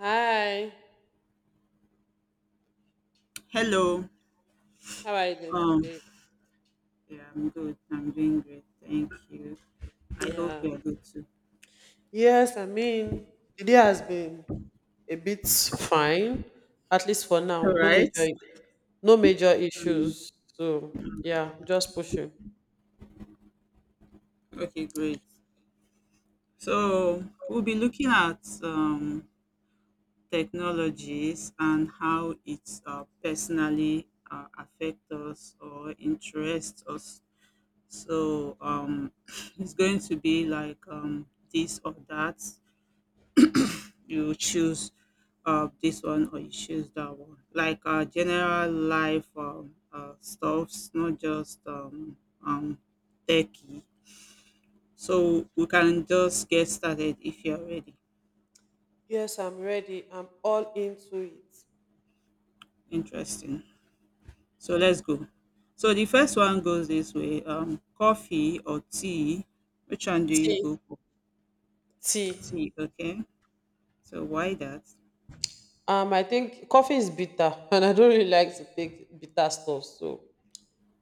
Hi, Hello. how are you doing Um, today? yeah, I'm good. I'm doing great. Thank you. I hope Yeah. you're good too. Yes, I mean, the day has been a bit fine, at least for now. All No right. major, no major Um, issues. So yeah, just pushing. okay, great. So we'll be looking at technologies and how it personally affect us or interests us. So it's going to be like this or that. You choose this one or you choose that one. Like general life stuffs, not just um, techie. So we can just get started if you're ready. Yes, I'm ready. I'm all into it. Interesting. So let's go. So the first one goes this way: coffee or tea. Which one do you Tea, go for? tea. Tea. Okay. So why that? I think coffee is bitter, and I don't really like to take bitter stuff. So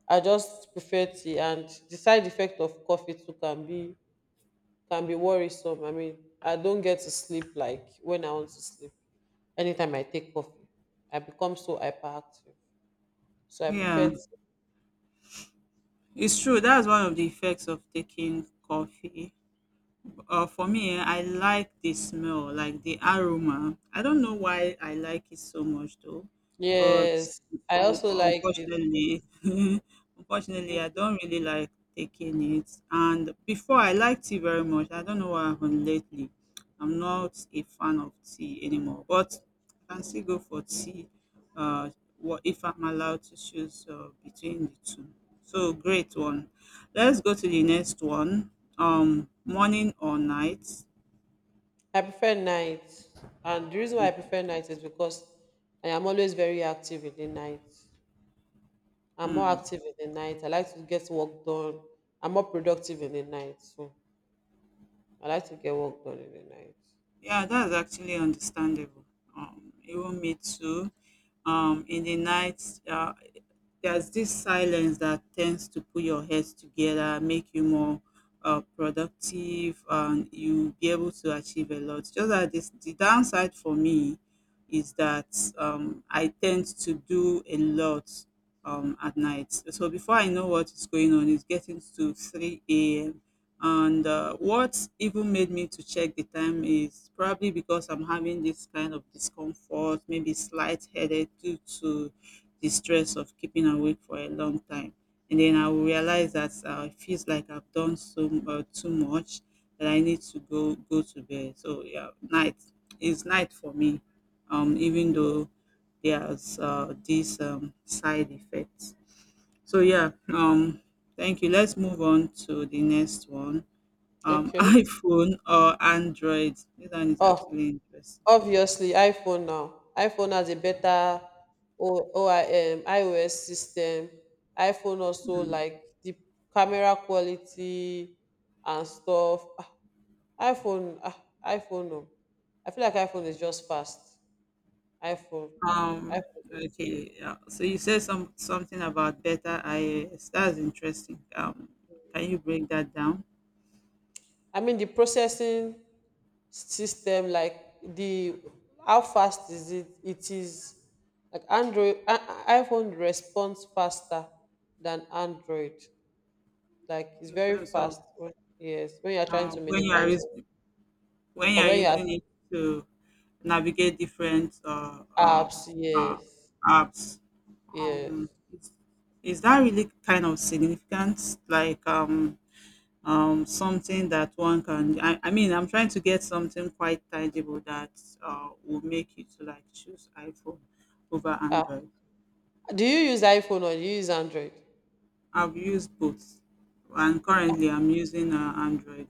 I just prefer tea, and the side effect of coffee too can be worrisome. I mean, I don't get to sleep like when I want to sleep. Anytime I take coffee, I become so hyperactive. So I prefer. Yeah, it's true. That's one of the effects of taking coffee. For me, eh, I like the smell, like the aroma. I don't know why I like it so much though, but Yes, I also like it too. unfortunately, unfortunately, I don't really like taking it. And before I liked tea very much. I don't know what happened lately. I'm not a fan of tea anymore, but I can still go for tea. Uh, what if I'm allowed to choose between the two? So great one. Let's go to the next one. Morning or night? I prefer night, and the reason why I Okay. prefer night is because I am always very active in the night. I'm more Mm. active in the night. I like to get work done. I'm more productive in the night, so I like to get work done in the night. Yeah, that's actually understandable. Even me too. In the night, uh, there's this silence that tends to put your heads together, make you more productive, and you'll be able to achieve a lot. Just that the downside for me is that I tend to do a lot at night. So before I know what is going on, it's getting to 3 a.m. And what even made me to check the time is probably because I'm having this kind of discomfort, maybe slight headache due to the stress of keeping awake for a long time. And then I will realize that it feels like I've done so too much that I need to go to bed. So yeah, night is night for me. Even though there's these side effects. So yeah, thank you. Let's move on to the next one. Okay. iPhone or Android? This one is Oh, actually interesting. obviously, iPhone now. iPhone has a better OIM, iOS system. iPhone also Hmm. like the camera quality and stuff. Ah, iPhone, ah, iPhone. No. I feel like iPhone is just fast. iPhone, Um, iPhone. okay, yeah. So you said something about better IAS. That's interesting. Can you break that down I mean the processing system, like the how fast is it? It is like Android. iPhone responds faster than Android. Like it's in very terms of fast. When, yes, when you're trying uh, to when you are minimize us- when you or are when you have using it to navigate different apps. Uh, Yes, apps? yes. Um, is, is that really kind of significant? Like, something that I mean, I'm trying to get something quite tangible that will make you to like choose iPhone over Ah, Android. do you use iPhone or do you use Android? I've used both and currently I'm using Android.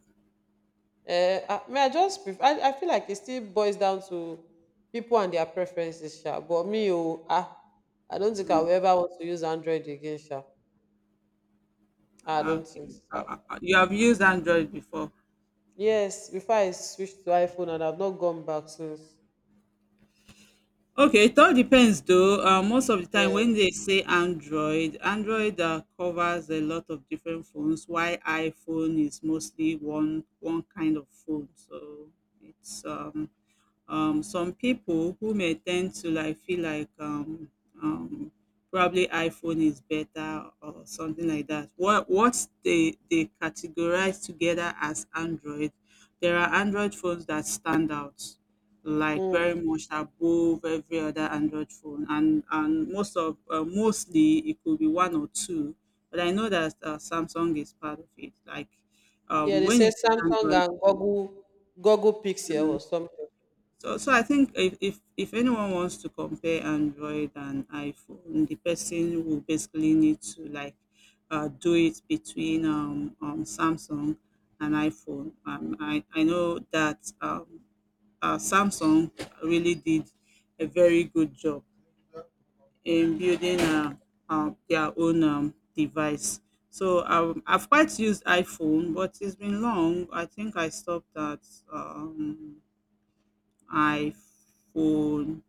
Uh, I mean, I just prefer, I feel like it still boils down to people and their preferences, sha. But me, oh, ah, I don't think I Mm, will ever want to use Android again, sha. Ah, I don't okay. think so. You have used Android before. Yes, before I switched to iPhone and I've not gone back since. Okay, it all depends though. Most of the time when Yes. they say android covers a lot of different phones while iPhone is mostly one kind of phone. So it's some people who may tend to like feel like um probably iPhone is better or something like that. What they categorize together as Android, there are Android phones that stand out like Mm. very much above every other Android phone, and most of mostly it could be one or two, but I know that Samsung is part of it. Like Yeah, they when say it's Samsung Android. and Google Pixel or something. So, so I think if, if anyone wants to compare Android and iPhone, the person will basically need to like do it between Samsung and iPhone. Um, I know that Samsung really did a very good job in building their own device. So I've quite used iPhone, but it's been long. I think I stopped at um, iPhone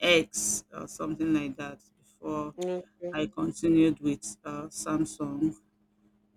X or something like that before Okay. Yeah, I continued with Samsung.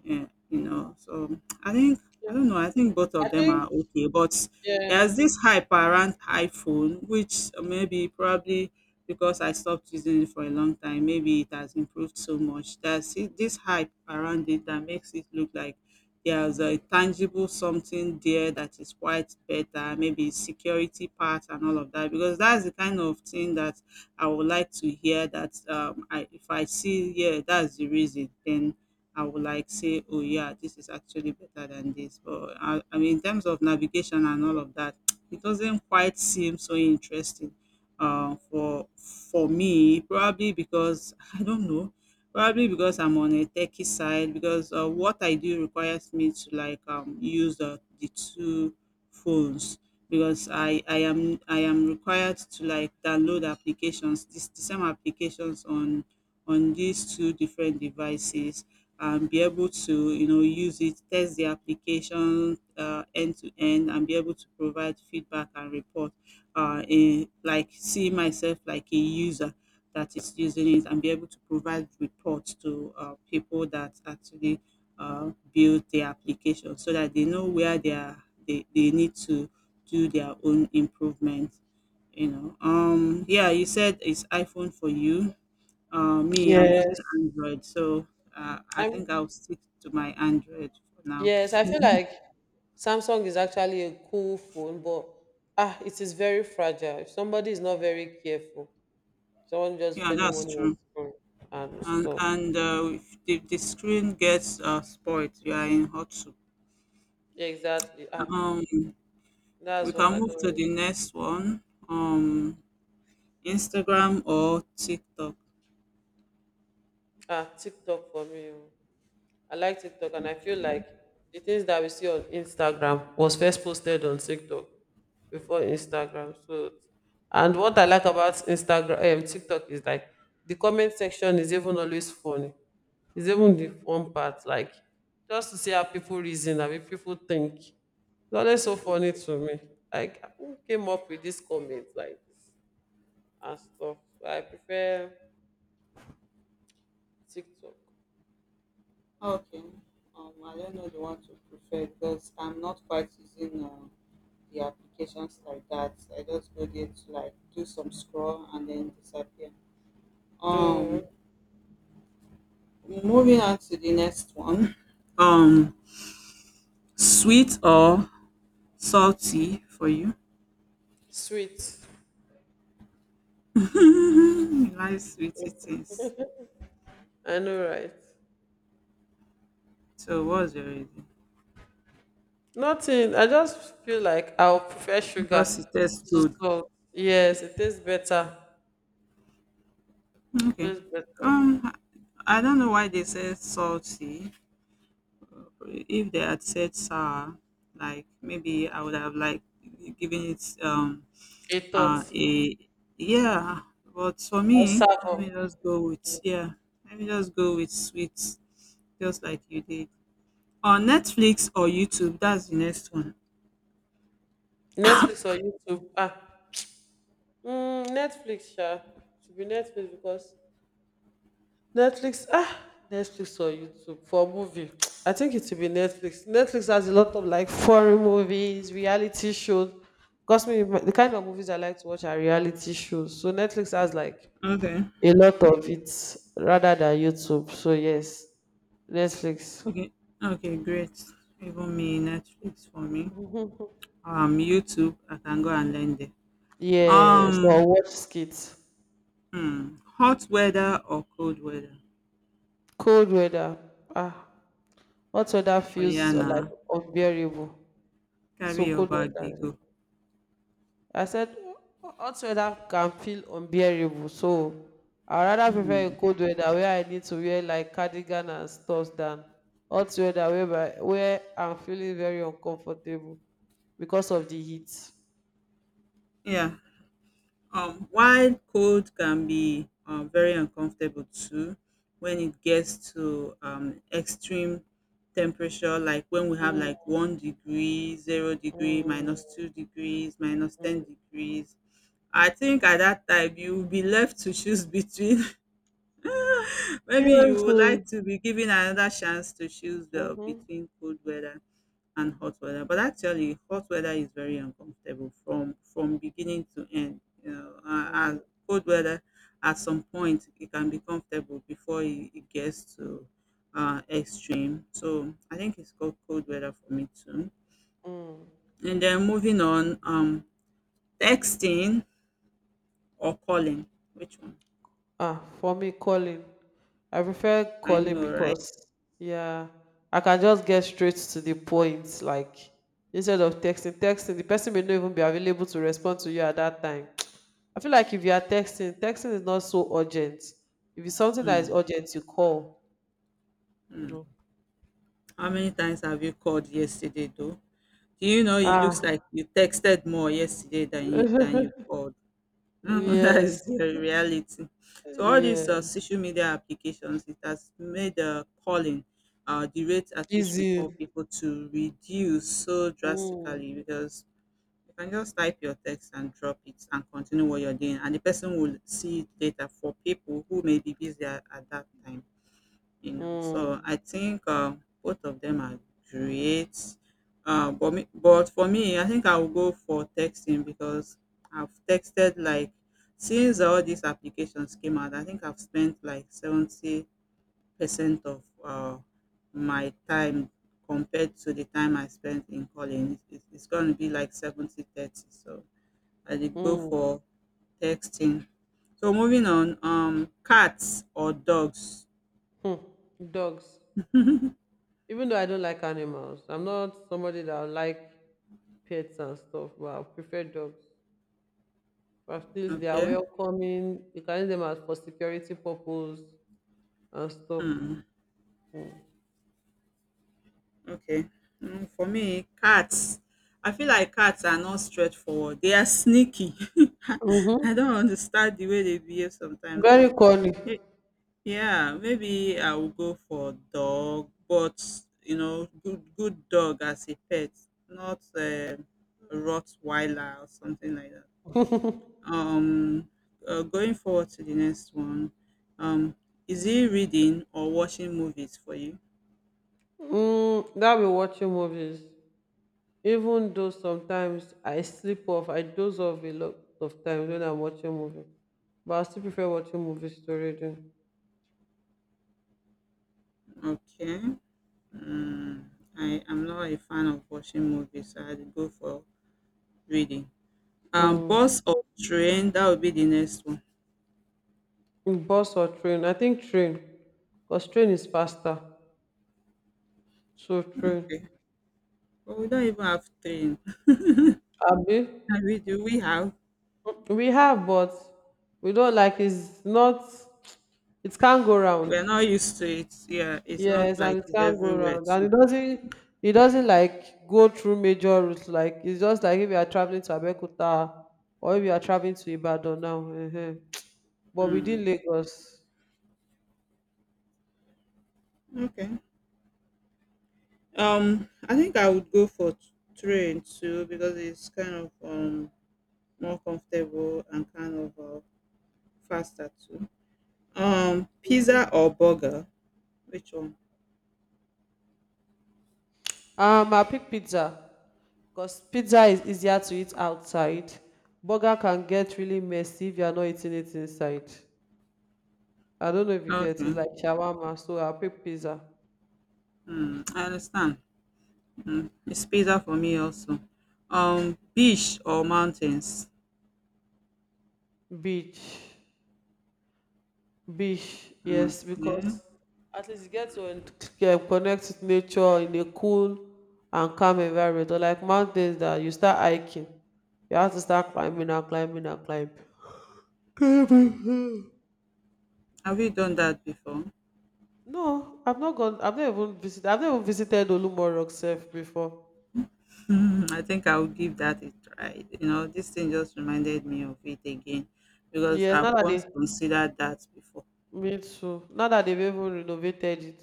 Yeah, you know. So I think I don't know. I think both I of them are think okay, but yeah. there's this hype around iPhone, which maybe probably because I stopped using it for a long time, maybe it has improved so much. There's this hype around it that makes it look like there's a tangible something there that is quite better, maybe security part and all of that. Because that's the kind of thing that I would like to hear. That if I see, yeah, that's the reason. Then I would like say, oh yeah, this is actually better than this. But I mean, in terms of navigation and all of that, it doesn't quite seem so interesting uh, for for me. Probably because I don't know. Probably because I'm on a techie side. Because what I do requires me to like use the two phones because I am required to like download applications, this the same applications on these two different devices and be able to, you know, use it, test the application end to end, and be able to provide feedback and report. Like see myself like a user that is using it, and be able to provide reports to people that actually build the application, so that they know where they are. They need to do their own improvement, you know. Yeah, you said it's iPhone for you. Me, I'm using Yes. Android, so I Um think I'll stick to my Android for now. yes, I feel like Samsung is actually a cool phone, but ah, it is very fragile. If somebody is not very careful, someone just Yeah, spending that's money on true. phone and And stuff. If the screen gets spoiled, you are in hot soup. Exactly. Ah, Um, we that's what can I move to don't. the next one. Um, Instagram or TikTok. Ah, TikTok for me, oh. I like TikTok and I feel like the things that we see on Instagram was first posted on TikTok before Instagram. So and what I like about Instagram TikTok is like the comment section is even always funny. It's even the fun part, like just to see how people reason, how people think. It's always so funny to me. Like who came up with this comment like this and stuff. I prefer TikTok. Okay. I don't know the one to prefer because I'm not quite using the applications like that. I just go there to like do some scroll and then disappear. No Um, Moving on to the next one. Um, Sweet or salty for you? sweet. You like sweetie things. I know right. So what's your reason? Nothing. I just feel like I'll prefer sugar Because it tastes to good. salt. Yes, it tastes better. Okay. Tastes better. Um, I don't know why they said salty. If they had said sour, like maybe I would have like given it A thought. A yeah. But for Or me, let Savo. me just go with yeah. Let me just go with sweet, just like you did. Or Netflix or YouTube. That's the next one. Netflix or YouTube. Ah. Mm, Netflix, sha. Should be Netflix because Netflix, ah, Netflix or YouTube for movie. I think it should be Netflix. Netflix has a lot of like foreign movies, reality shows. Because me, the kind of movies I like to watch are reality shows. So Netflix has like Okay. a lot of it rather than YouTube. So yes, Netflix. Okay. Okay, great. Even me, Netflix for me. YouTube, I can go and learn there. Yes, or Um, watch skits. Hot weather or cold weather? Cold weather. Ah, hot weather Oh yeah, feels like nah. unbearable. So Carry your cold bag, they weather. go. I said hot weather can feel unbearable. So I rather prefer a Hmm. cold weather where I need to wear like cardigan and stuff than hot weather where I'm feeling very uncomfortable because of the heat. Yeah. While cold can be very uncomfortable too when it gets to extreme temperature, like when we have Mm, like 1 degree, 0 degrees, mm, minus 2 degrees, minus 10 mm. degrees. I think at that time you will be left to choose between maybe you Yes, would oh. like to be given another chance to choose Mm-hmm. between cold weather and hot weather. But actually, hot weather is very uncomfortable from beginning to end. You know, Mm, and cold weather at some point it can be comfortable before it gets to extreme. So I think it's called cold weather for me too. mm. And then moving on, texting or calling, which one? Ah, for me, calling. I prefer I calling know, right? because, yeah, I can just get straight to the point. Like, instead of texting, texting, the person may not even be available to respond to you at that time. I feel like if you are texting, texting is not so urgent. If it's something that is Hmm. urgent, you call. You Hmm. know. How many times have you called yesterday though? Do you know it looks Ah, like you texted more yesterday than you called? Mm, that is yes, the reality. So all these yeah, social media applications, it has made calling, the rate at which we call easy. people to reduce so Mm, drastically because you can just type your text and drop it and continue what you're doing, and the person will see it later for people who may be busy at that time you know. So mm, I think both of them are great. But for me, I think I will go for texting because I've texted like since all these applications came out. I think I've spent like 70% of my time compared to the time I spent in calling. It's going to be like 70-30. So I did go mm. for texting. So moving on, cats or dogs? Hmm, dogs. Even though I don't like animals, I'm not somebody that like pets and stuff, but I prefer dogs. But at least they are Okay. welcoming. You can use them as for security purpose and stuff. Hmm. Okay. Mm, for me, cats, I feel like cats are not straightforward. They are sneaky. I don't Mm-hmm. understand the way they behave sometimes. Very So, cuddly. eh, yeah, maybe I will go for dog, but you know, good dog as a pet, not a Rottweiler or something like that. Um, Going forward to the next one. Um, is it reading or watching movies for you? Mm, that be watching movies. Even though sometimes I sleep off, I doze off a lot of times when I'm watching movie. But I still prefer watching movies to reading. Okay. Mm, I am not a fan of watching movies, so I'd go for reading. Mm. Bus or train? That would be the next one. Bus or train? I think train, because train is faster. So true. Okay. But we don't even have train. And Abi, we do. We have. we have, but we don't like it's not it can't go round. We're not used to it. Yeah, it's not Yes, and like it it's can't go everywhere round. And too. It doesn't like go through major routes. Like it's just like if you are traveling to Abeokuta or if you are traveling to Ibadan now. But Hmm. within Lagos. Okay. I think I would go for train too because it's kind of more comfortable and kind of faster too. Pizza or burger? Which one? I pick pizza because pizza is easier to eat outside. Burger can get really messy if you are not eating it inside. I don't know if you get it. It's Okay. like shawarma. So I'll pick pizza. Hmm, I understand. Hmm, it's pizza for me also. Beach or mountains? Beach. Beach. Yes, Okay. because at least you get to yeah, connect with nature in a cool and calm environment. Or like mountains that you start hiking. You have to start climbing and climbing and climbing. Climbing. Have you done that before? No, I've not gone. I've not even visited. I've never visited Olumọ Rock Sef before. Hmm, I think I'll give that a try. You know, this thing just reminded me of it again because Yes, I've now that once they considered that before. me too. Now that they've even renovated it,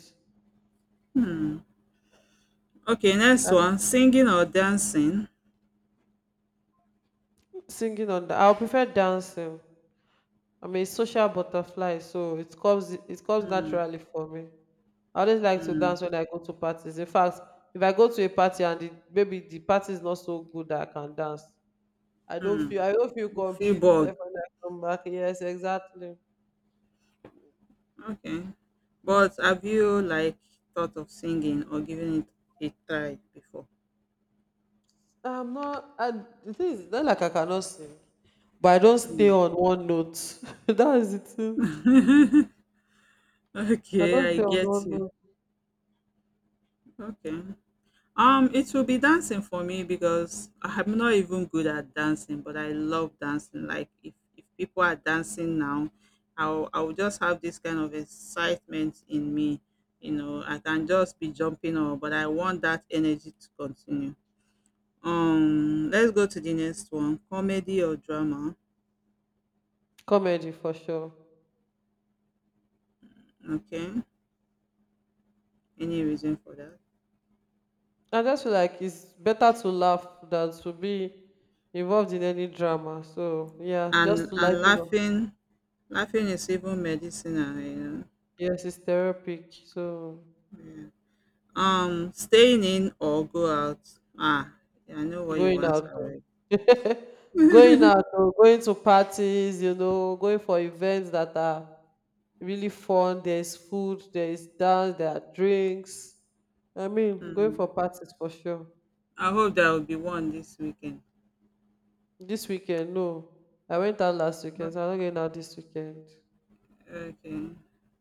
Okay, next I think one, singing or dancing? singing on the. I will prefer dancing. I'm a social butterfly, so it comes Hmm, naturally for me. I always like to hmm, dance when I go to parties. In fact, if I go to a party and maybe the party is not so good that I can dance, hmm. I don't feel You feel complete bored. except when I come back. Yes, exactly. Okay. But have you like thought of singing or giving it a try before? I'm not. I, The thing is, not like I cannot sing, but I don't stay Mm. on one note. That is the thing. I Okay, don't I stay on get one you. note. Okay. It will be dancing for me because I'm not even good at dancing, but I love dancing. Like if people are dancing now, I'll just have this kind of excitement in me. You know, I can just be jumping on, but I want that energy to continue. Let's go to the next one. Comedy or drama? Comedy for sure. Okay. Any reason for that? I just feel like it's better to laugh than to be involved in any drama. So yeah, And just to and lighten up. laughing, laughing is even medicinal. You know. Yes, it's therapeutic. So Yeah. Staying in or go out? Ah, I know what you going answer out, though. already. Going out, though, going to parties, you know, going for events that are really fun. There's food, there's dance, there are drinks. I mean, going Hmm. for parties for sure. I hope there will be one this weekend. This weekend, no, I went out last weekend, so I'm not going out this weekend. Okay.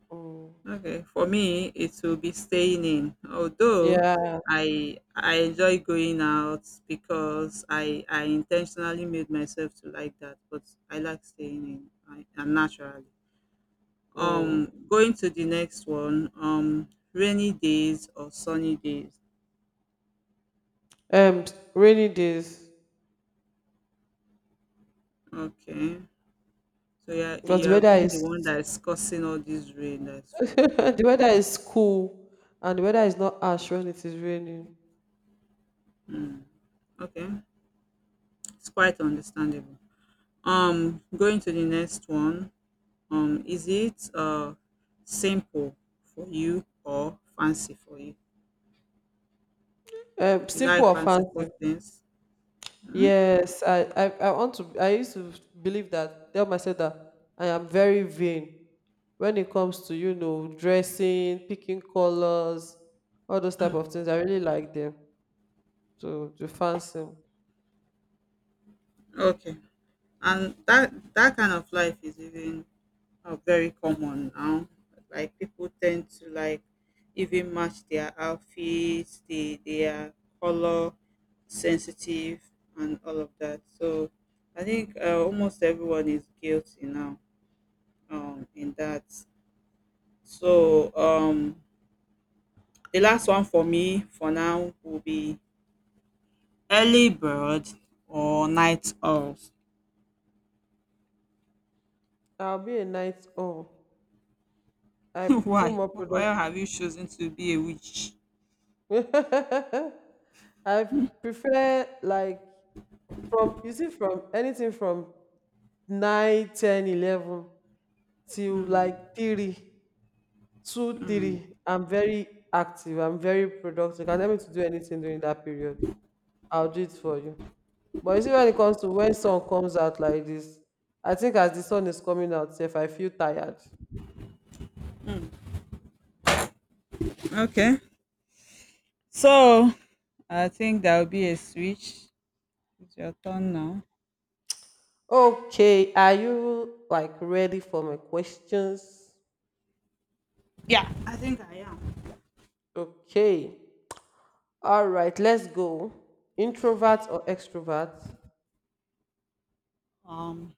Mm. Okay, for me, it will be staying in. Although Yeah. I enjoy going out because I intentionally made myself to like that, but I like staying in I, and naturally. Mm. Going to the next one. Rainy days or sunny days. Um, Rainy days Okay, so yeah, because you the have weather been the is one that is causing all this rain that's falling. the weather is cool and the weather is not harsh when it is raining. Hmm. Okay, it's quite understandable. Going to the next one. Is it simple for you or fancy for you? You Simple like or fanciful fancy? things? Mm. Yes, I want to. I used to believe that tell myself that I am very vain when it comes to you know dressing, picking colors, all those type Mm, of things. I really like them. So to fancy, okay. And that kind of life is even very common now. Like people tend to like even match their outfits, the their color sensitive and all of that. So I think almost everyone is guilty now in that. So the last one for me for now will be early bird or night owl. I'll be a night owl. I feel Why? more Why productive. have you chosen to be a witch? I prefer like from you see from anything from 9, 10, 11 till like three two, three. I'm very active. I'm very productive. You can tell me to do anything during that period. I'll do it for you. But you see when it comes to when sun comes out like this, I think as the sun is coming out, if I feel tired. Okay. So I think that will be a switch. It's your turn now. Okay, are you like ready for my questions? Yeah, I think I am. Okay. All right, let's go. Introvert or extrovert? Um,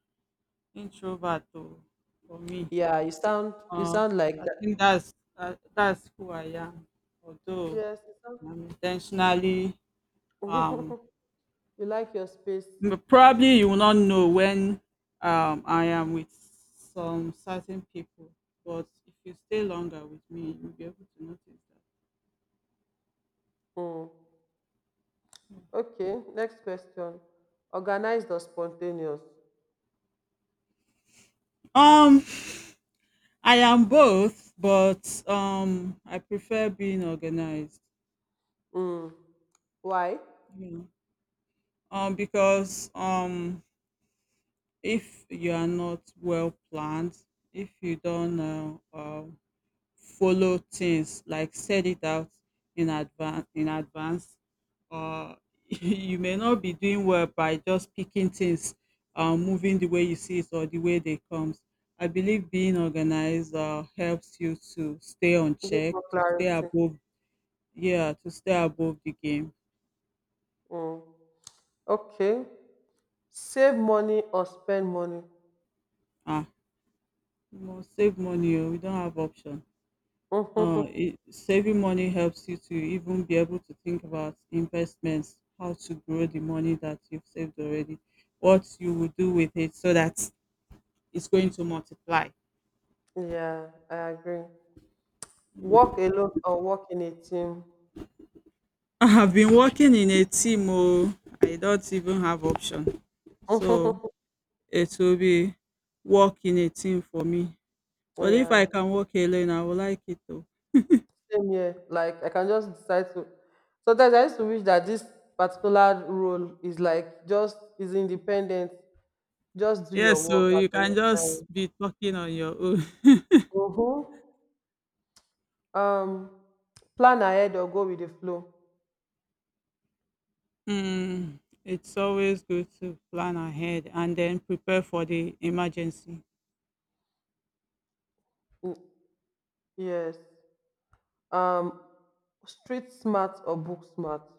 Introvert though, for me. Yeah, you Uh, sound like I think that. That's who I am. Although Yes, you sound. I'm intentionally um You like your space. Probably you will not know when I am with some certain people, but if you stay longer with me, you'll be able to notice that. Mm. Okay, next question. Organized or spontaneous? Um, I am both, but I prefer being organized. Mm. Why? You know, because if you are not well planned, if you don't know follow things like set it out in advance or you may not be doing well by just picking things. Moving the way you see it or the way they comes, I believe being organized helps you to stay on Give check, more to stay clarity. above. Yeah, to stay above the game. Mm. Okay. Save money or spend money? Ah, you must save money oh, we don't have option. Saving money helps you to even be able to think about investments, how to grow the money that you've saved already, what you will do with it so that it's going to multiply. Yeah, I agree. Work alone or work in a team? I have been working in a team, oh, I don't even have option. So it will be work in a team for me. But if I Yeah. can work alone, I will like it though. Same here. Like I can just decide to. Sometimes I used to wish that this particular role is like just is independent. Just do your Yes, work so you at any can time. just be talking on your own. Mm-hmm. Um, plan ahead or go with the flow. Mm, it's always good to plan ahead and then prepare for the emergency. Mm, yes. Um, street smart or book smart.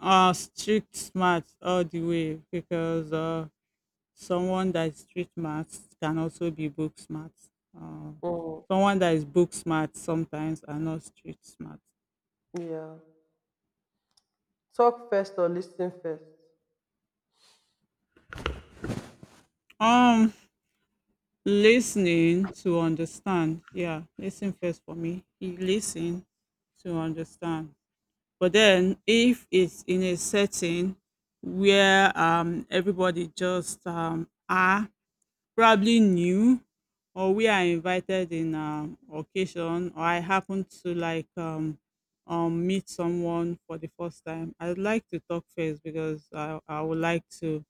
Street smart all the way because someone that is street smart can also be book smart. Uh, Mm, Someone that is book smart sometimes are not street smart. yeah. Talk first or listen first. Um, Listening to understand. Yeah, listen first for me. He listen to understand. But then if it's in a setting where everybody just are probably new or we are invited in occasion or I happen to like meet someone for the first time, I'd like to talk first because I would like to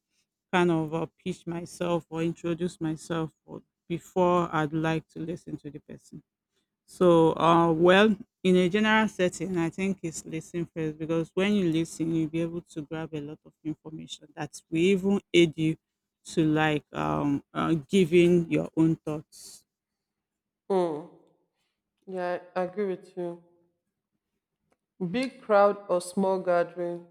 kind of pitch myself or introduce myself or- before I'd like to listen to the person. So, well, in a general setting, I think it's listening first because when you listen, you'll be able to grab a lot of information that will even aid you to like giving your own thoughts. Mm. Yeah, I agree with you. Big crowd or small gathering.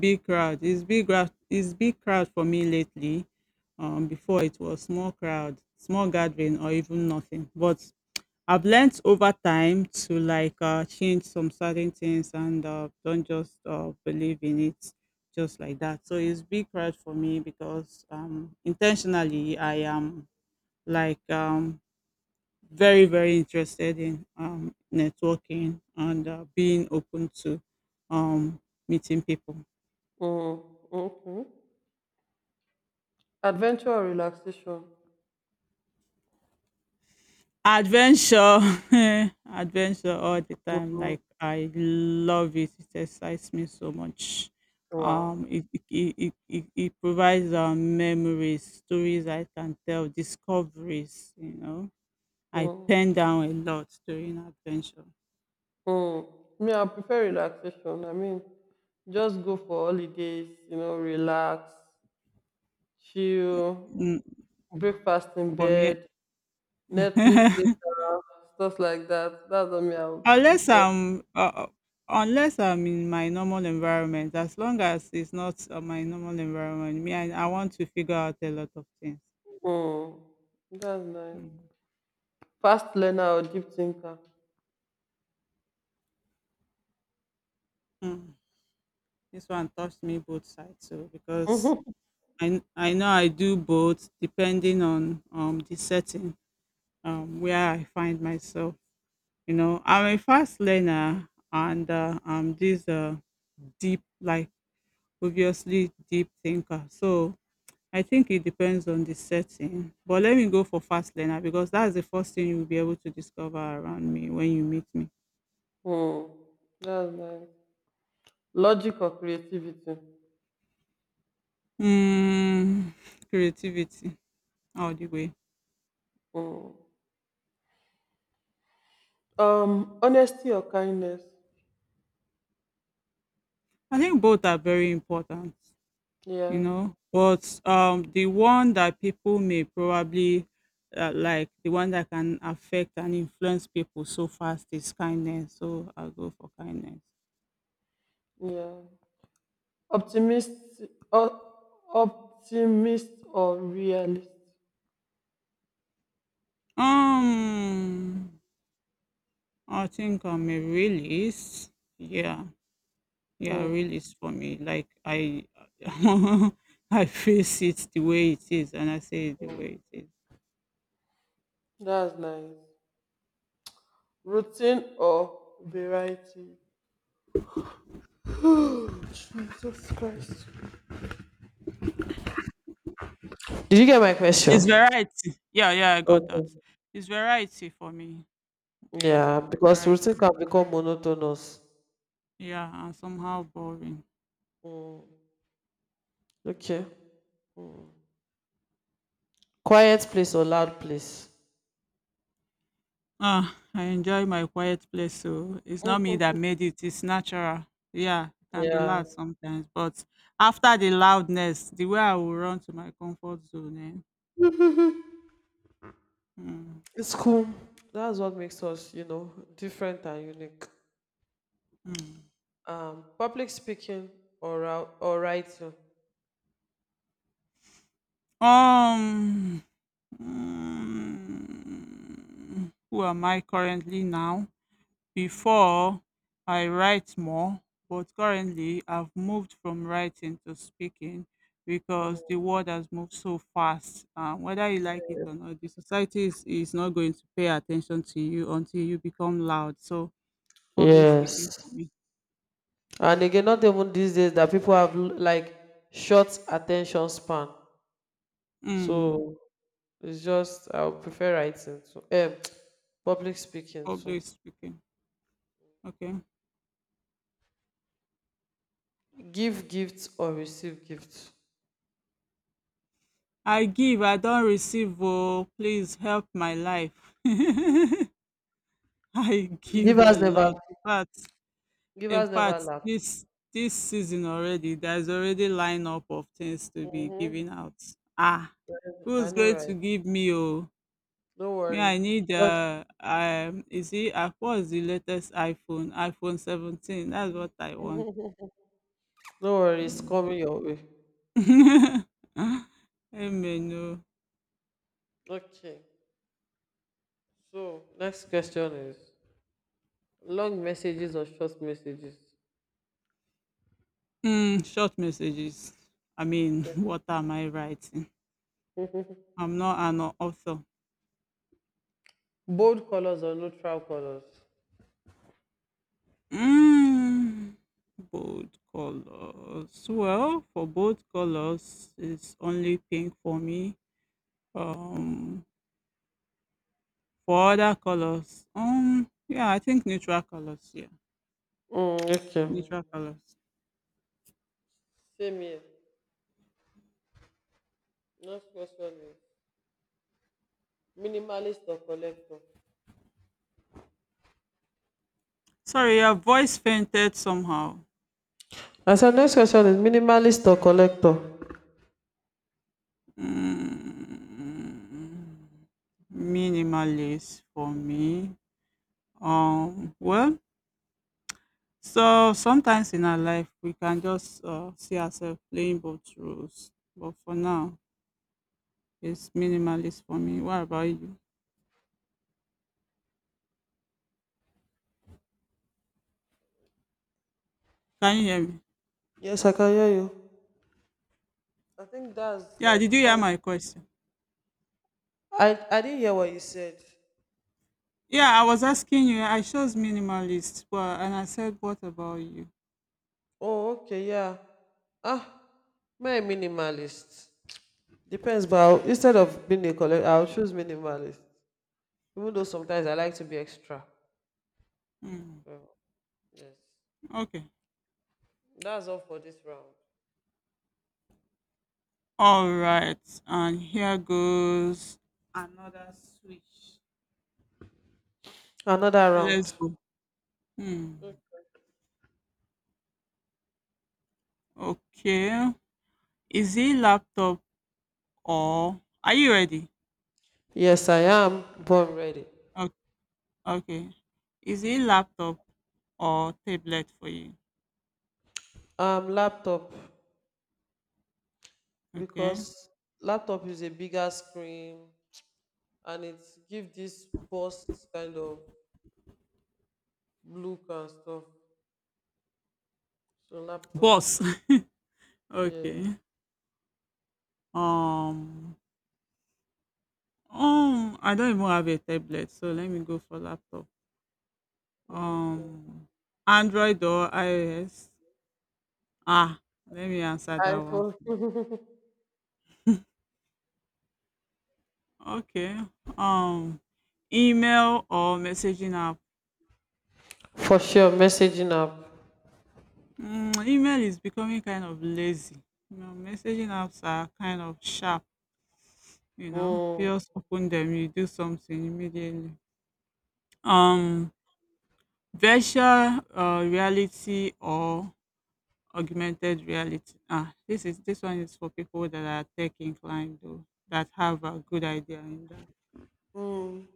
Big crowd. It's big crowd. It's big crowd for me lately. Before it was small crowd, small gathering, or even nothing. But I've learnt over time to like change some certain things and don't just believe in it just like that. So it's big crowd for me because intentionally I am like very very interested in networking and being open to um, meeting people. Mm. Okay. Adventure or relaxation? Adventure, adventure all the time. Mm, Like I love it. It excites me so much. Um, wow. it it it, it, it it provides memories, stories I can tell, discoveries. You know, I Mm, pen down a lot during adventure. mm. Me, I prefer relaxation. I mean, just go for holidays, you know, relax, chill, Mm, breakfast in for me, bed, Netflix later, stuff like that. That's what me I would unless prefer. I'm uh, unless I'm in my normal environment. As long as it's not my normal environment, me I want to figure out a lot of things. Mm, that's nice. Mm. Fast learner or deep thinker? Mm. This one touched me both sides so because I know I do both depending on the setting where I find myself. You know, I'm a fast learner and I'm this deep like obviously deep thinker. So I think it depends on the setting. But let me go for fast learner because that's the first thing you'll be able to discover around me when you meet me. Mm, that's nice. Logic or creativity? Mm, creativity all the way. Mm. Honesty or kindness? I think both are very important. You Yeah. know, but the one that people may probably like, the one that can affect and influence people so fast is kindness, so I'll go for kindness. Yeah. Optimist o- optimist or realist. um I think I'm a realist. Yeah, yeah, Mm, realist for me, like I I face it the way it is and I say it the way it is. that's nice. Routine or variety. Jesus Christ. Did you get my question? It's variety, yeah, yeah, I got that. Okay. It's variety for me, yeah, Yeah, because routine variety. can become monotonous. Yeah, and somehow boring. Mm, okay. Mm. Quiet place or loud place? Ah, I enjoy my quiet place, so it's not me that Mhm. made it, it's natural. Yeah, it can be Yeah. loud sometimes, but after the loudness, the way I will run to my comfort zone, eh? Mm, It's cool. That's what makes us, you know, different and unique. mm. Um, public speaking or or writing. Um, who am I currently now? Before, I write more, but currently I've moved from writing to speaking because the world has moved so fast. Whether you like it or not, the society is not going to pay attention to you until you become loud. So, public speaking for Yes. me. And again, not even these days that people have like short attention span. Mm, So it's just I would prefer writing to public speaking to public speaking. Okay. give gifts or receive gifts. I give, I don't receive. Oh, please help my life. I give a Givers never. lot. In fact, in Givers never fact, lack. this season already, there's already lineup of things to be Hmm. giving out. Ah, I who's know, going to right? give me oh? No Me, worry. I need God- is it what is the latest iPhone? iPhone 17. That's what I want. No worry, it's Mm. coming your way. Amen. No. Okay. So next question is Long messages or short messages. Mm, short messages. I mean, what am I writing? I'm not an author. Bold colors or neutral colors. Mm, bold colors. Well, for bold colors, it's only pink for me. Um, for other colors, yeah, I think neutral colors. Yeah, Mm, okay. neutral colors. Same here. Next question is minimalist or collector. Sorry, your voice fainted somehow. I said next question is minimalist or collector. Mm, minimalist for me. Well, so sometimes in our life we can just see ourselves playing both roles, but for now it's minimalist for me. What about you? Can you hear me? Yes, I can hear you. I think that's Yeah, like did you hear all. my question? I didn't hear what you said. Yeah, I was asking you. I chose minimalist, but and I said, what about you? Oh, okay, yeah. Ah, my minimalist. Depends, but I'll, instead of being a collector, I'll choose minimalist. Even though sometimes I like to be extra. Hmm. So, yes. Okay. That's all for this round. All right. And here goes another switch. Another Let's round. go. Hmm. Okay. Is it laptop or are you ready? Yes, I am born ready. O- Okay. Is it laptop or tablet for you? Laptop, Okay. because laptop is a bigger screen and it gives this burst kind of look and stuff. So laptop. Boss. Yes. Okay. Um, I don't even have a tablet, so let me go for laptop. Okay. Um, Android or iOS? Ah, let me answer that one. iPhone. Okay. Um, Email or messaging app? For sure, messaging app. Mm, email is becoming kind of lazy. You know, messaging apps are kind of sharp. You know, you Mm. just open them, you do something immediately. Um, virtual reality or augmented reality. Ah, this one is for people that are tech inclined though, that have a good idea in that. Mm.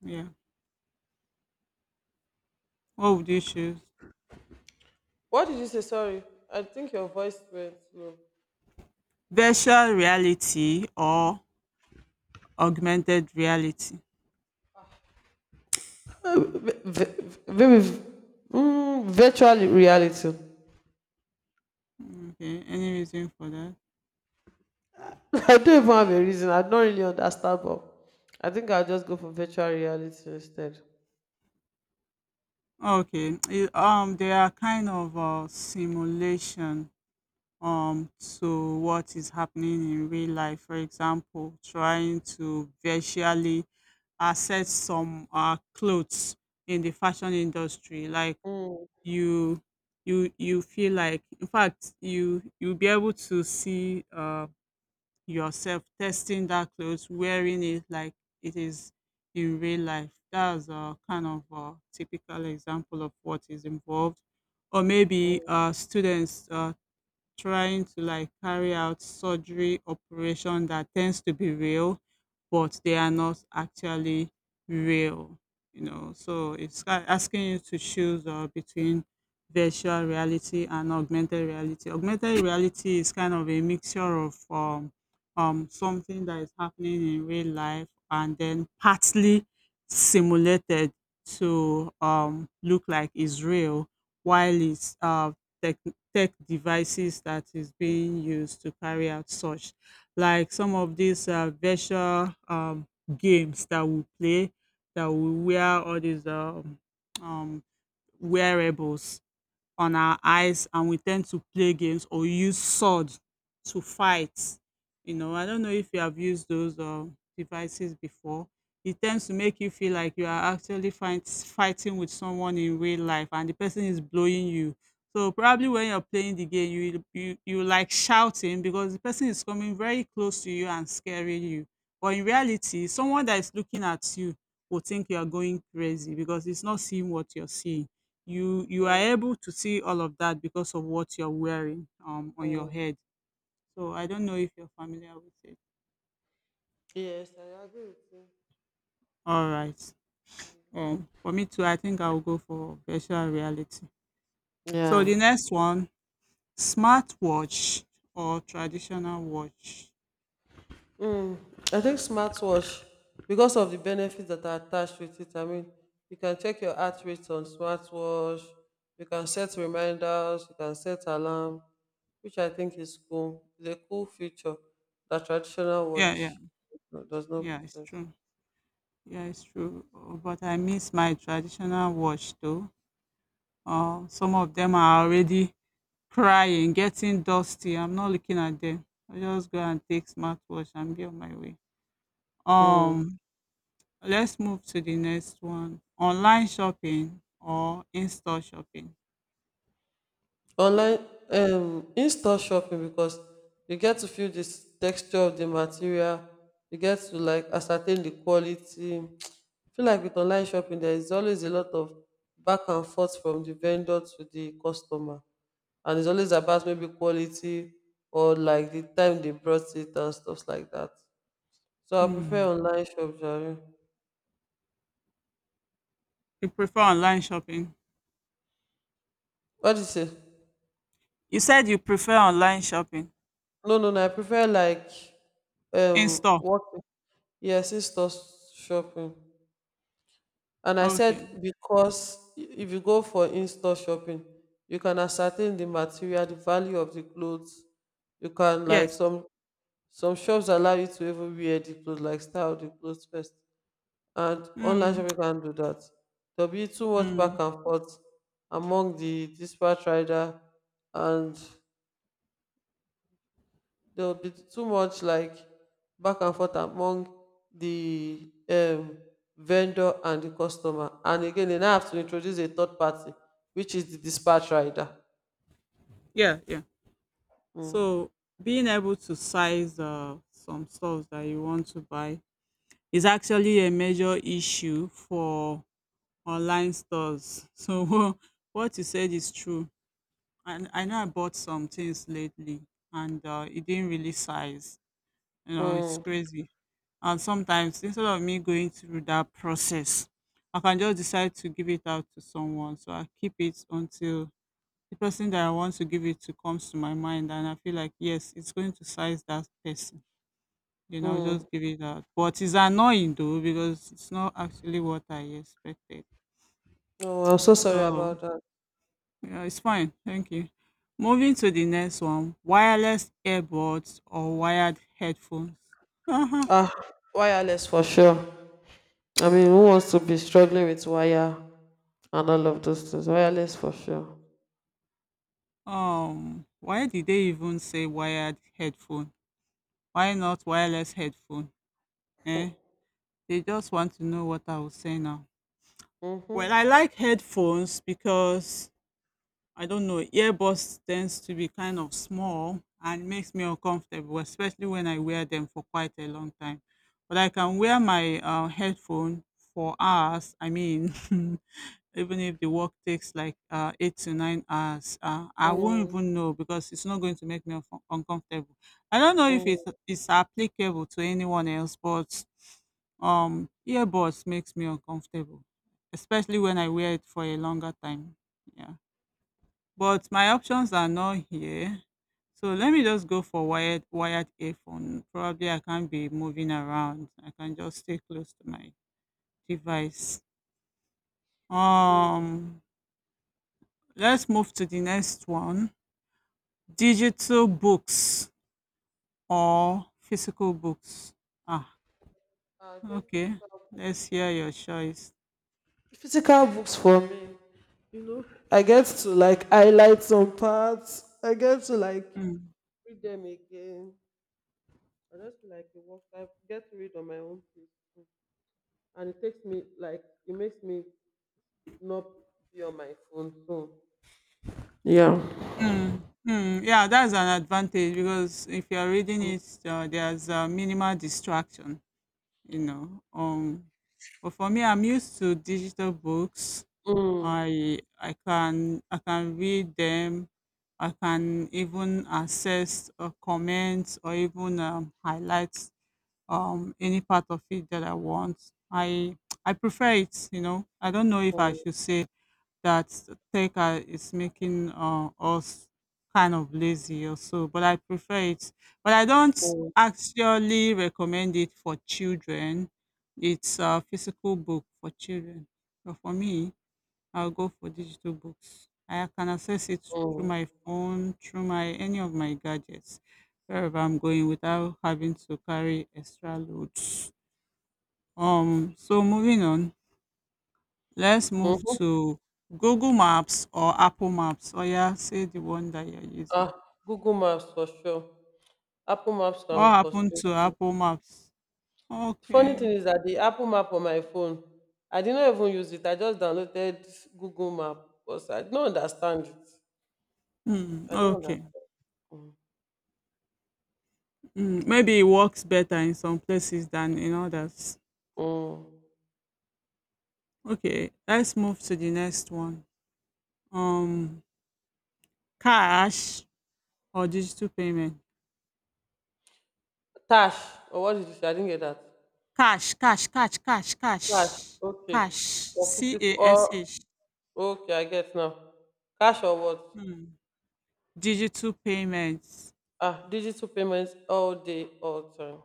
Yeah. What would you choose? What did you say? Sorry, I think your voice went low. Virtual reality or augmented reality? Uh, vi- vi- Maybe v- Virtual reality. Okay. Any reason for that? I don't even have a reason. I don't really understand, but I think I'll just go for virtual reality instead. Okay. They are kind of a simulation to what is happening in real life. For example, trying to virtually access some clothes in the fashion industry, like Mm, you you feel like in fact you'll be able to see yourself testing that clothes wearing it like it is in real life. That's a kind of a typical example of what is involved, or maybe mm, students trying to like carry out surgery operation that tends to be real, but they are not actually real. You know, so asking you to choose between virtual reality and augmented reality. Augmented reality is kind of a mixture of something that is happening in real life and then partly simulated to look like is real, while it's tech, tech devices that is being used to carry out such, like some of these virtual games that we play, that we wear all these um, wearables on our eyes, and we tend to play games or use sword to fight. You know, I don't know if you have used those devices before. It tends to make you feel like you are actually fighting with someone in real life and the person is blowing you. So probably when you're playing the game, you like shouting because the person is coming very close to you and scaring you. But in reality, someone that is looking at you will think you are going crazy because it's not seeing what you're seeing. You are mm, able to see all of that because of what you're wearing on your mm. head, so I don't know if you're familiar with it. Yes, I agree with you. All right, for me too, I think I'll go for virtual reality. So the Yeah. next one, smartwatch or traditional watch? I think smartwatch, because of the benefits that are attached with it, I mean, you can check your heart rate on smartwatch, you can set reminders, you can set alarm, which I think is cool. It's a cool feature that traditional Yeah, yeah, watch does not yeah, it's possess. true. Yeah, it's true. But I miss my traditional watch though. Some of them are already crying, getting dusty. I'm not looking at them. I just go and take smartwatch and be on my way. Um, let's move to the next one. Online shopping or in-store shopping? Online In-store shopping, because you get to feel the texture of the material, you get to like ascertain the quality. I feel like with online shopping there is always a lot of back and forth from the vendor to the customer. And it's always about maybe quality or like the time they brought it and stuff like that. So I Hmm. prefer online shop, jare. You prefer online shopping? What do you say? You said you prefer online shopping. No, no, no. I prefer like In-store. working. Yes, in-store shopping. And I said, Okay. because if you go for in-store shopping, you can ascertain the material, the value of the clothes. You can like Yes. Some shops allow you to even wear the clothes, like style the clothes first. And online Mm, shopping can do that. There'll be too much mm. back and forth among the disparate rider and there will be too much like back and forth among the vendor and the customer, and again they now have to introduce a third party, which is the dispatch rider. Yeah, yeah. Mm. So being able to size some stuff that you want to buy is actually a major issue for online stores. So what you said is true. And I know I bought some things lately, and it didn't really size. You know, it's Mm. crazy. And sometimes instead of me going through that process, I can just decide to give it out to someone. So I keep it until the person that I want to give it to comes to my mind, and I feel like yes, it's going to size that person. Then I'll just Mm. give it out. But it's annoying though, because it's not actually what I expected. Oh, I'm so sorry Oh. about that. Yeah, it's fine. Thank you. Moving to the next one, wireless earbuds or wired headphones. Uh-huh. Ah, wireless for sure. I mean, who wants to be struggling with wire and all of those things? Wireless for sure. Why did they even say wired headphone? Why not wireless headphone? Eh? They just want to know what I will say now. Mm-hmm. Well, I like headphones because I don't know, earbuds tends to be kind of small and makes me uncomfortable, especially when I wear them for quite a long time. But I can wear my headphone for hours. I mean, even if the work takes like 8 to 9 hours, I won't mm, even know because it's not going to make me uncomfortable. I don't know if mm, it's applicable to anyone else, but earbuds makes me uncomfortable, especially when I wear it for a longer time. Yeah, but my options are not here. So let me just go for wired earphone. Probably I can't be moving around. I can just stay close to my device. mm. Um, let's move to the next one. Digital books or physical books. Ah, I think okay. physical. Let's hear your choice. Physical books for me. You know, I get to like highlight some parts, I get to like Mm, read them again. I just feel like a work. I get to read on my own pace too. And it takes me like, it makes me not be on my phone, so yeah. mm, mm. Yeah, that's an advantage because if you're reading it, there's minimal distraction. You know, but for me, I'm used to digital books. Mm. I can read them. I can even access or comment or even highlight any part of it that I want. I I prefer it. You know, I don't know if I Mm, should say that is making us kind of lazy or so, but I prefer it. But I don't mm, actually recommend it for children. It's a physical book for children. But for me, I'll go for digital books. I can access it through mm. my phone, through my any of my gadgets, wherever I'm going without having to carry extra loads. So moving on, let's move Mhm. to Google Maps or Apple Maps. Oh yeah, say the one that you're using. Ah, Google Maps for sure. Apple Maps can What be happened frustrating. to Apple Maps? Funny Okay. thing is that the Apple Map on my phone, I did not even use it. I just downloaded Google Map because I don't understand it. Hmm, I don't okay. understand. Mm. Hmm, maybe it works better in some places than in others. Mm. Okay, let's move to the next one. Um, cash or digital payment? Tash, or what did you say? I didn't get that. Cash, cash, cash, cash, cash, Cash, cash. okay. Or C physical, A S or H. okay, I get now. Cash or what? Hmm. Digital payments. Ah, digital payments all day, all time,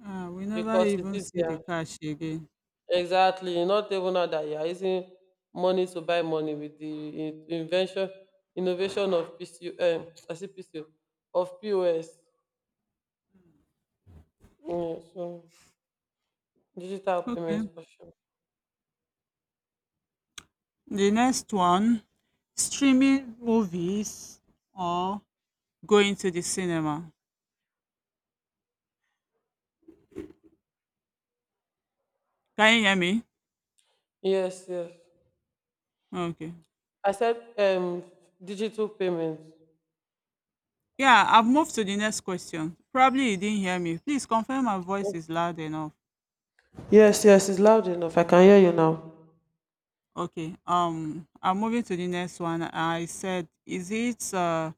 Ah, we never because it's even see the easier. cash again. Exactly. You not even now that you are using money to buy money with the invention, innovation of PCU, I see PCU, of POS. Yeah, so digital Okay. payments for sure. The next one, streaming movies or going to the cinema. Can you hear me? Yes, yes. Okay. I said digital payments. Yeah, I've moved to the next question. Probably you didn't hear me. Please confirm my voice is loud enough. Yes, yes, it's loud enough. I can hear you now. Okay. I'm moving to the next one. I said, is it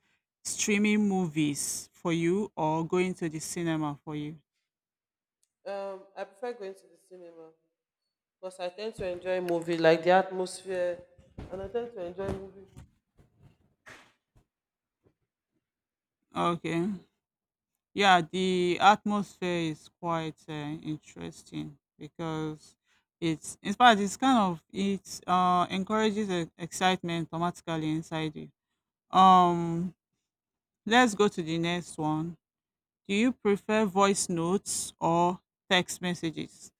streaming movies for you or going to the cinema for you? I prefer going to the cinema because I tend to enjoy movie, like the atmosphere, and I tend to enjoy movie. Okay. Yeah, the atmosphere is quite interesting because it's in fact it's kind of it encourages excitement automatically inside you. Um, let's go to the next one. Do you prefer voice notes or text messages?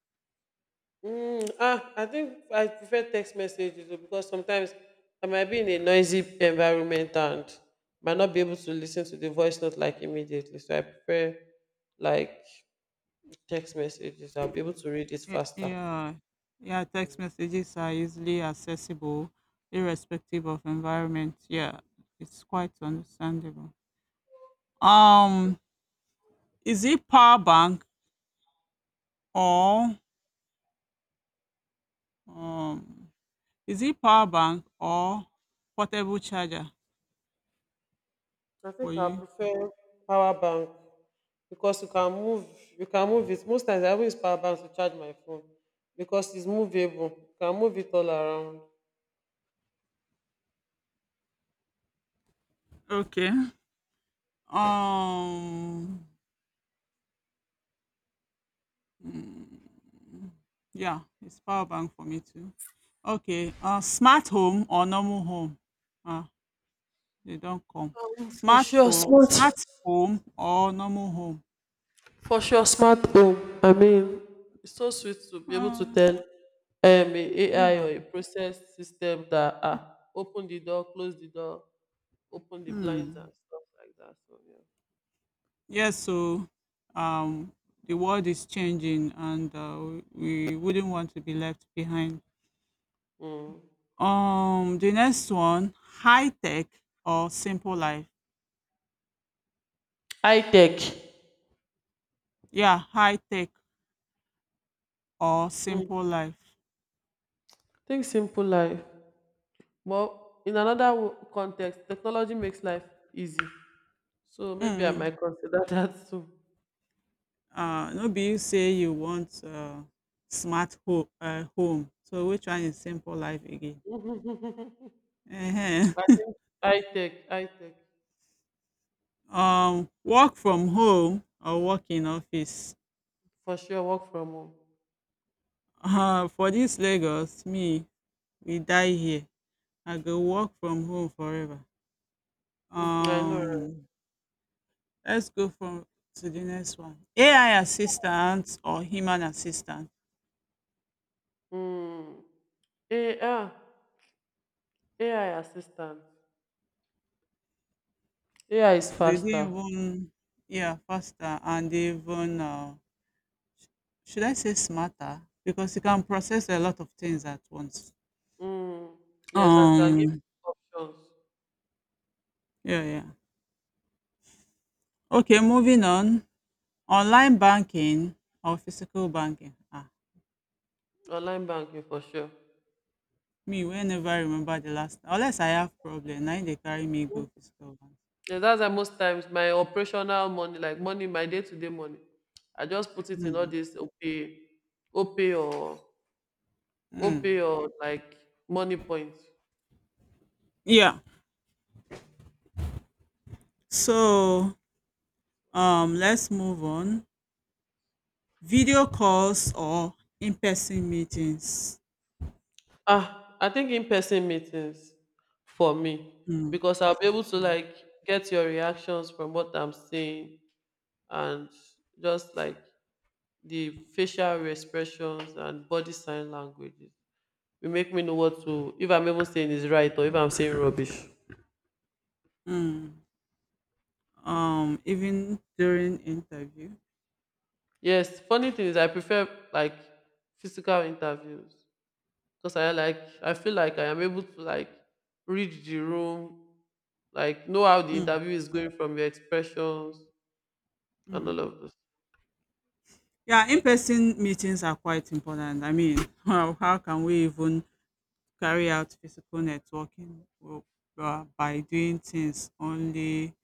I think I prefer text messages though, because sometimes I might be in a noisy environment and might not be able to listen to the voice note like immediately. So I prefer like text messages. I'll be able to read it faster. Yeah, yeah, text messages are easily accessible, irrespective of environment. Yeah, it's quite understandable. Um, is it power bank or Um, is it power bank or portable charger I think for I you? prefer power bank because you can move, you can move it. Most times I always power bank to charge my phone because it's movable. You can move it all around. Okay. Um. Mm, yeah, it's power bank for me too. Okay. Smart home or normal home? Ah, they don't come. For Smart sure, smart. Smart home or normal home? For sure, smart home. I mean, it's so sweet to be able to Uh, tell a AI yeah. or a process system that ah, open the door, close the door, open the blinds and Hmm. stuff like that. So yeah, Yes. So, um, the world is changing, and we wouldn't want to be left behind. mm. The next one, high tech or simple life. High tech. Yeah, high tech or Mm. simple life. Think simple life. Well, in another context, technology makes life easy. So maybe I Mm. might consider that too. No be you say you want home. So which one is simple life again? Ehen. I think high tech Work from home or work in office. for sure. Work from home. For this Lagos, me, we die here. I go work from home forever. Mhm, I know. Right? Um, Let's go from to the next one. AI assistant or human assistant. Mm. AI, AI assistant. AI is They didn't faster. even yeah, faster, and they even should I say smarter? Because you can process a lot of things at once. Mm. Yes, and can give you Um, options. yeah, yeah. Okay, moving on. Online banking or physical banking. Ah, Online banking for sure. me whenever I remember the last unless I have problem. Now they carry me go physical bank. Yes, that's why most times my operational money, like money, my day-to-day money, I just put it in all Mm, this OPay, OPay or OPay mm. or like money points. Yeah. So let's move on. Video calls or in-person meetings. Ah, I think in-person meetings for me Mm, because I'll be able to mm, like get your reactions from what I'm saying, and just like the facial expressions and body sign languages will make me know what to, if I'm even saying is right or if I'm saying rubbish. mm. Even during interview. Yes, funny thing is I prefer like physical interviews because I like, I feel like I am able to like read the room, like know how the Mm, interview is going from your expressions and all mm. of this. Yeah, in-person meetings are quite important. I mean, how can we even carry out physical networking by doing things only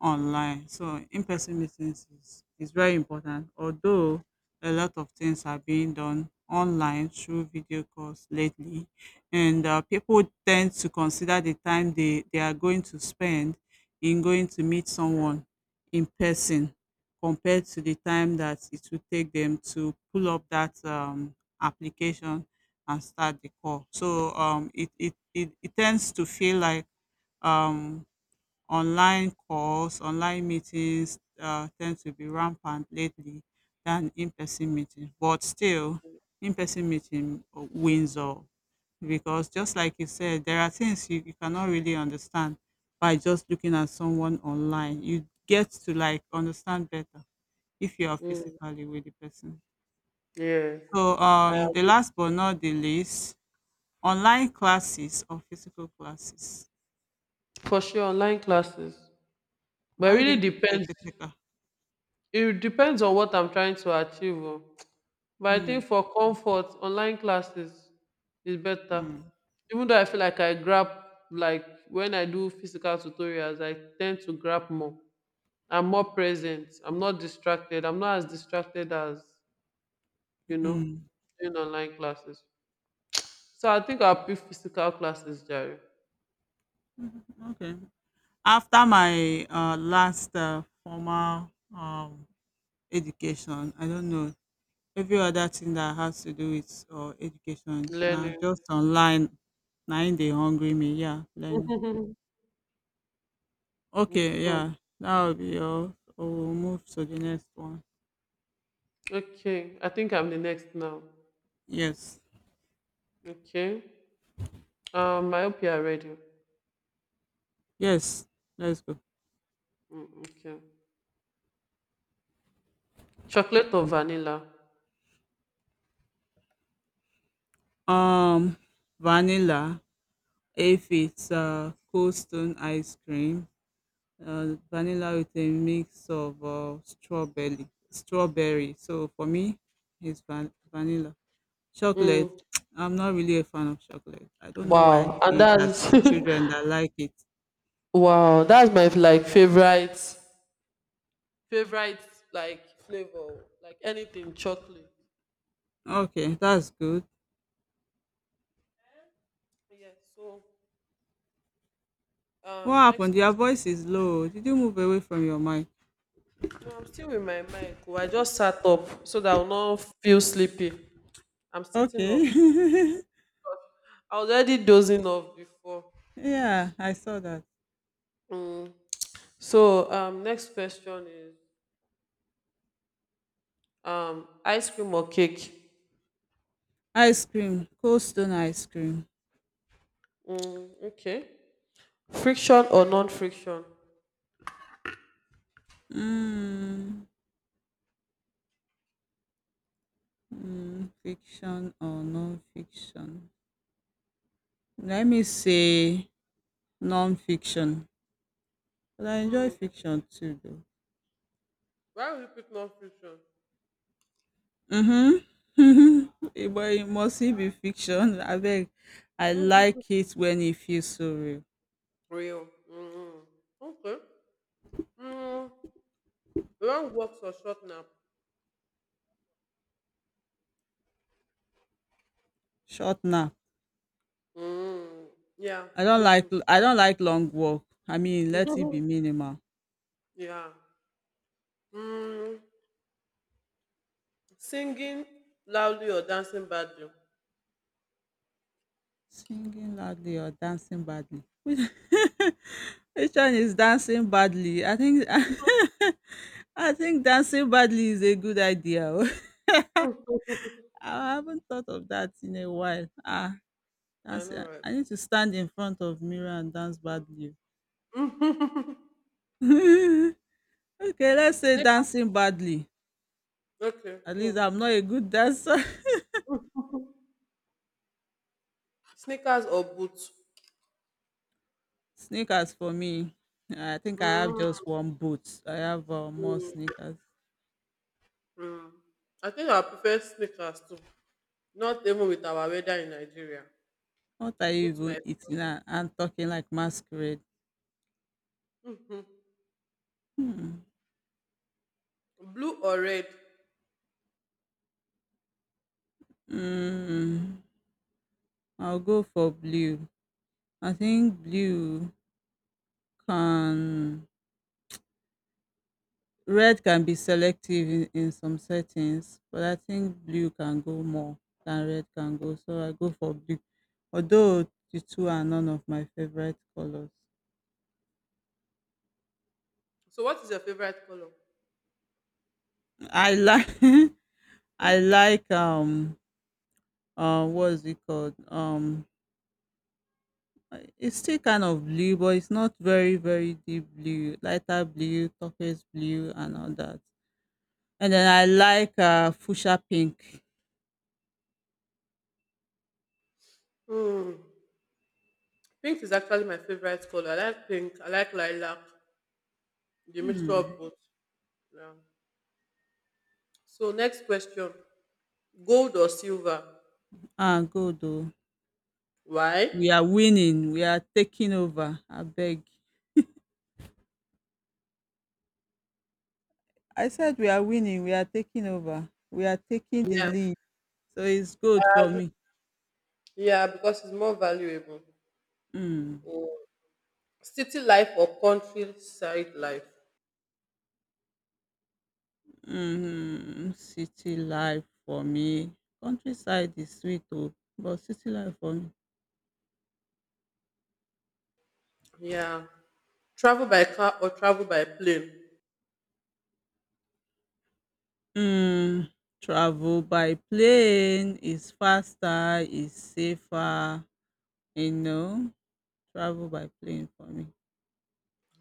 online. So in-person meetings is very important. Although a lot of things are being done online through video calls lately, and people tend to consider the time they are going to spend in going to meet someone in person, compared to the time that it would take them to pull up that application and start the call. So it tends to feel like um, online calls, online meetings tend to be rampant lately than in-person meeting. But still, in-person meeting wins all, because just like you said, there are things you cannot really understand by just looking at someone online. You get to like understand better if you are Mm. physically with the person. Yeah, So I the agree. last but not the least, online classes or physical classes? For sure, online classes. But it Why really didn't you say depends. physical? It depends on what I'm trying to achieve, oh. But I Mm, think for comfort, online classes is better. mm, Even though I feel like I grab, like when I do physical tutorials, I tend to grab more. I'm more present. I'm not distracted. I'm not as distracted as, you know, mm. in online classes. So I think I'll pick physical classes, Jerry. Okay. After my last formal um, education, I don't know every other thing that has to do with education. Now Learning. just online, now they hungry me. Yeah, learning. It's Okay, cool. yeah, that will be all. So we'll move to the next one. Okay. I think I'm the next now. Yes, Okay. I hope you are ready. yes, let's go. Mm, okay. Chocolate or vanilla? Um, vanilla. If it's Cold Stone ice cream, vanilla with a mix of strawberry. Strawberry. So for me, it's vanilla. Chocolate. Mm. I'm not really a fan of chocolate. I don't know why I Wow, and see it as that's it's children that like it. wow, that's my like favorite, favorite like flavor, like anything chocolate. Okay, that's good. Yeah, so What happened? next Your question. voice is low. Did you move away from your mic? No, I'm still with my mic. Oh, I just sat up so that I'll not feel sleepy. I'm sitting Okay. up. I was already dozing off before. Yeah, I saw that. Mm. So next question is ice cream or cake? Ice cream, Cold Stone ice cream. Mm, okay. Friction or non-friction? Mm. Mm, fiction or non-fiction? Let me say non-fiction. But I enjoy Mm, fiction too though. why would you pick non-friction? Mhm. Eh, but it must still be fiction. Abeg, I like it when it feels so real. Real. Mhm. Okay. Mm. Long walks or short nap? Short nap. Mm. Yeah, me too. I don't like long walk. I mean, let it be minimal. Yeah. Mm. Singing loudly or dancing badly? Singing loudly or dancing badly? Which which one is dancing badly? I think I think dancing badly is a good idea. Oh. I haven't thought of that in a while. Ah, I know, dancing. right? I need to stand in front of mirror and dance badly. Okay, let's say Sneakers. dancing badly. Okay, At least cool. I'm not a good dancer. Sneakers or boots? Sneakers for me. I think I have Mm. just one boot. I have more sneakers. Mm. I think I prefer sneakers too. Not even with our weather in Nigeria. What are you Boots, even my. eating and talking like masquerade? Mhm. Hmm, Blue or red? mm, I'll go for blue. I think blue can red can be selective in some settings, but I think blue can go more than red can go. So I go for blue. Although the two are none of my favorite colors. So, what is your favorite color? I like I like what's it called? It's still kind of blue, but it's not very, very deep blue. Lighter blue, turquoise blue, and all that. And then I like fuchsia pink. Mm. Pink is actually my favorite color. I like pink. I like lilac. The mixture of Hmm. both. Yeah. So next question: gold or silver? Ah, good though. Why? We are winning. We are taking over. I beg. I said we are winning. We are taking over. We are taking the Yeah. lead. So it's good for me. Yeah, because it's more valuable. Mm. Oh. City life or countryside life? Hmm, city life for me. Countryside is sweet, oh, but city life for me. Yeah. Travel by car or travel by plane? um Travel by plane is faster, is safer, you know travel by plane for me.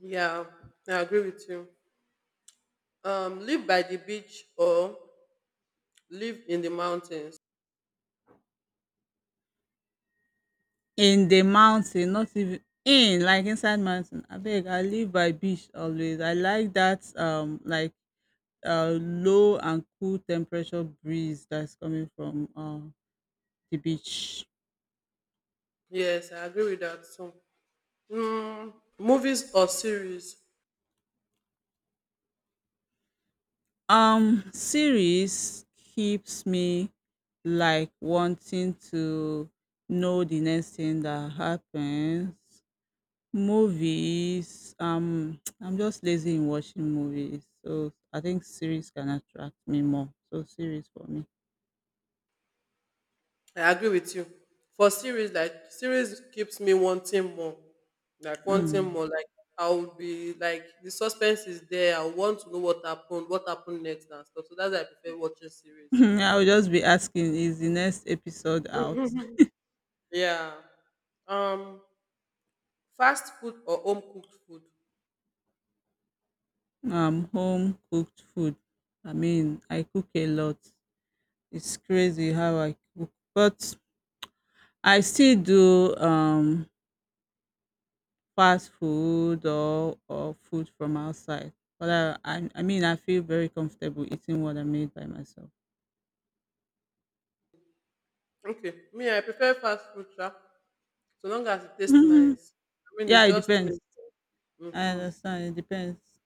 Yeah, I agree with you. Live by the beach or live in the mountains? In the mountain, not even in like inside mountain, abeg, I live by beach always. I like that, low and cool temperature breeze that's coming from the beach. Yes, I agree with that too. Mm, movies or series? Series keeps me like wanting to know the next thing that happens. Movies, I'm just lazy in watching movies, so I think series can attract me more. So series for me. I agree with you. For series, like series keeps me wanting Mm. more. Like I will be like the suspense is there. I want to know what happened next, and stuff. So that's why I prefer watching series. I'll just be asking, is the next episode out? Yeah. Um, Fast food or home cooked food. Home cooked food. I mean, I cook a lot. It's crazy how I cook, but I still do fast food or food from outside, but I mean, I feel very comfortable eating what I made by myself. Okay, me I prefer fast food, sha. So long as it tastes Mhm. nice. I mean, Yeah, it's it just me. depends. I Hmm. understand. It depends.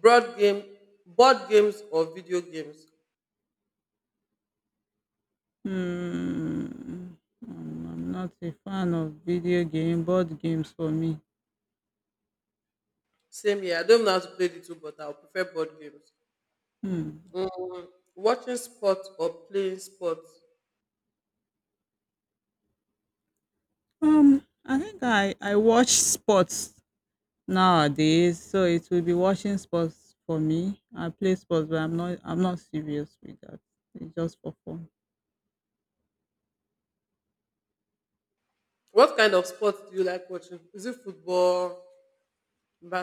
Broad game, Board games or video games. Hmm. I'm not a fan of video game, board games for me. Same here. I don't know how to play the two, but I'll prefer board games. Hmm. Mm, watching sports or playing sports. I think I watch sports nowadays, so it will be watching sports for me. I play sports, but I'm not serious with that. It's just for fun. What kind of sports do you like watching? Is it football,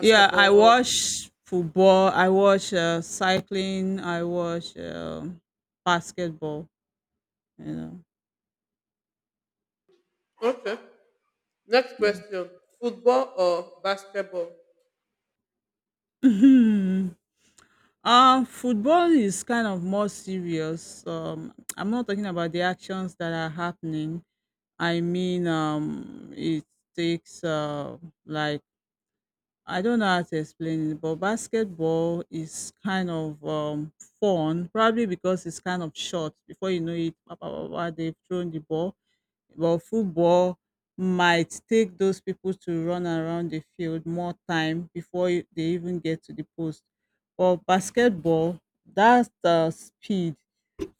Yeah, I watch football, I watch cycling, I watch basketball, you Okay. Next know. question. Football or basketball? Yeah. Football is kind of more serious. I'm not talking about the actions that are happening. I mean, it takes like, I don't know how to explain it, but basketball is kind of fun, probably because it's kind of short. Before you know it, pa, pa, pa, pa, they've thrown the ball. But football might take those people to run around the field more time before they even get to the post. But basketball, that's the speed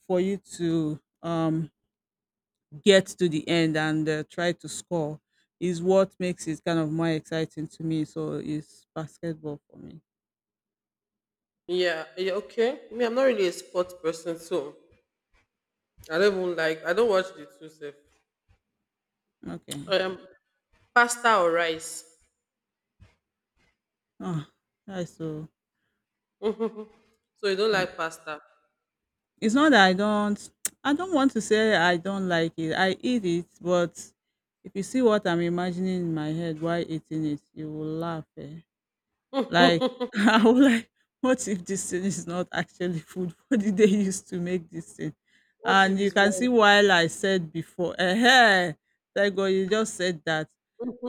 for you to um, get to the end and try to score is what makes it kind of more exciting to me. So it's basketball for me. Yeah, yeah, okay. Me, I'm not really a sports person, so I don't even like, I don't watch the two stuff. Okay. I am pasta or rice. Oh, that's so. So you don't I- like pasta. It's not that I don't. I don't want to say I don't like it. I eat it, but if you see what I'm imagining in my head while eating it, you will laugh. Eh? Like What I was like, what if this thing is not actually food? What did they use to make this thing? if And you it's can warm? see why I said before, eh, thank God you just said that.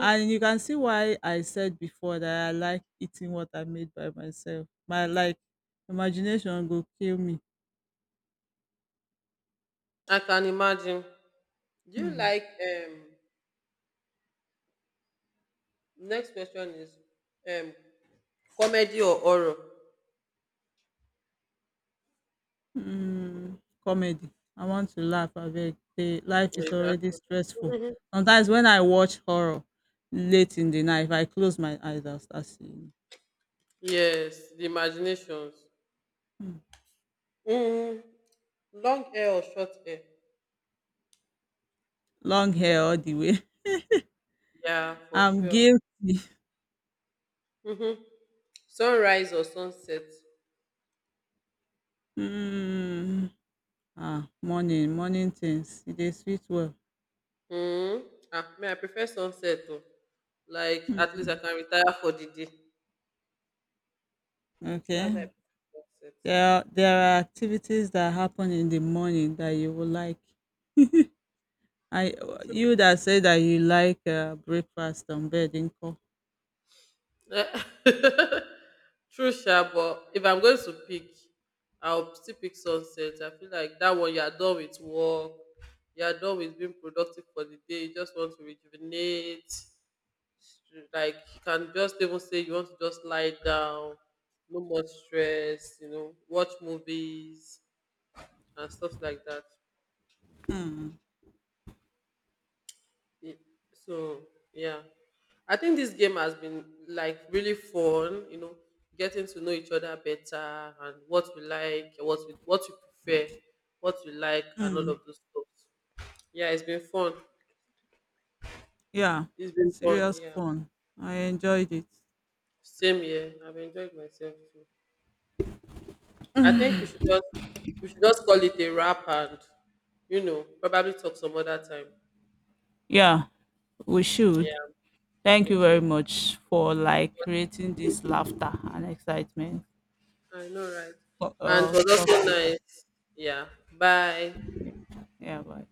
And you can see why I said before that I like eating what I made by myself. My like imagination go kill me. I can imagine. Do you Hmm. like um next question is um comedy or horror? Mm, comedy. I want to laugh. Abeg, the life is already Exactly. stressful. Mhm. Sometimes when I watch horror late in the night, if I close my eyes, I'll start seeing Yes, the imaginations. it. Hmm. Mm, long hair or short hair? Long hair all the way. Yeah, for I'm sure. guilty. Mm-hmm. Sunrise or sunset? Mm. Ah, morning, morning things. It is sweet well. Mm. Ah, me, I prefer sunset. Oh. Like, at least I Mm. can retire for the day. That's why I Okay. prefer sunset. There are activities that happen in the morning that you will like. I you that say that you like breakfast on bed in call. Eh, true, sure, but if I'm going to pick, I'll still pick sunset. I feel like that one you are done with work, you are done with being productive for the day. You just want to rejuvenate. Like you can just even say you want to just lie down, no more stress. You know, watch movies and stuff like that. Y- So yeah, I think this game has been like really fun. You know, getting to know each other better and what we like, what we, what we prefer, what we like, and all of Mm. those stuff. Yeah, it's been fun. Yeah, It's been fun. serious Yeah, fun. I enjoyed it. same here. I've enjoyed myself too. I think we should just, we should just call it a wrap and, you know, probably talk some other time. Yeah, we should. Yeah. Thank you very Okay. much for like creating this laughter and excitement. I know, right? And it was Talk also later. nice. Yeah. Bye. Yeah, bye.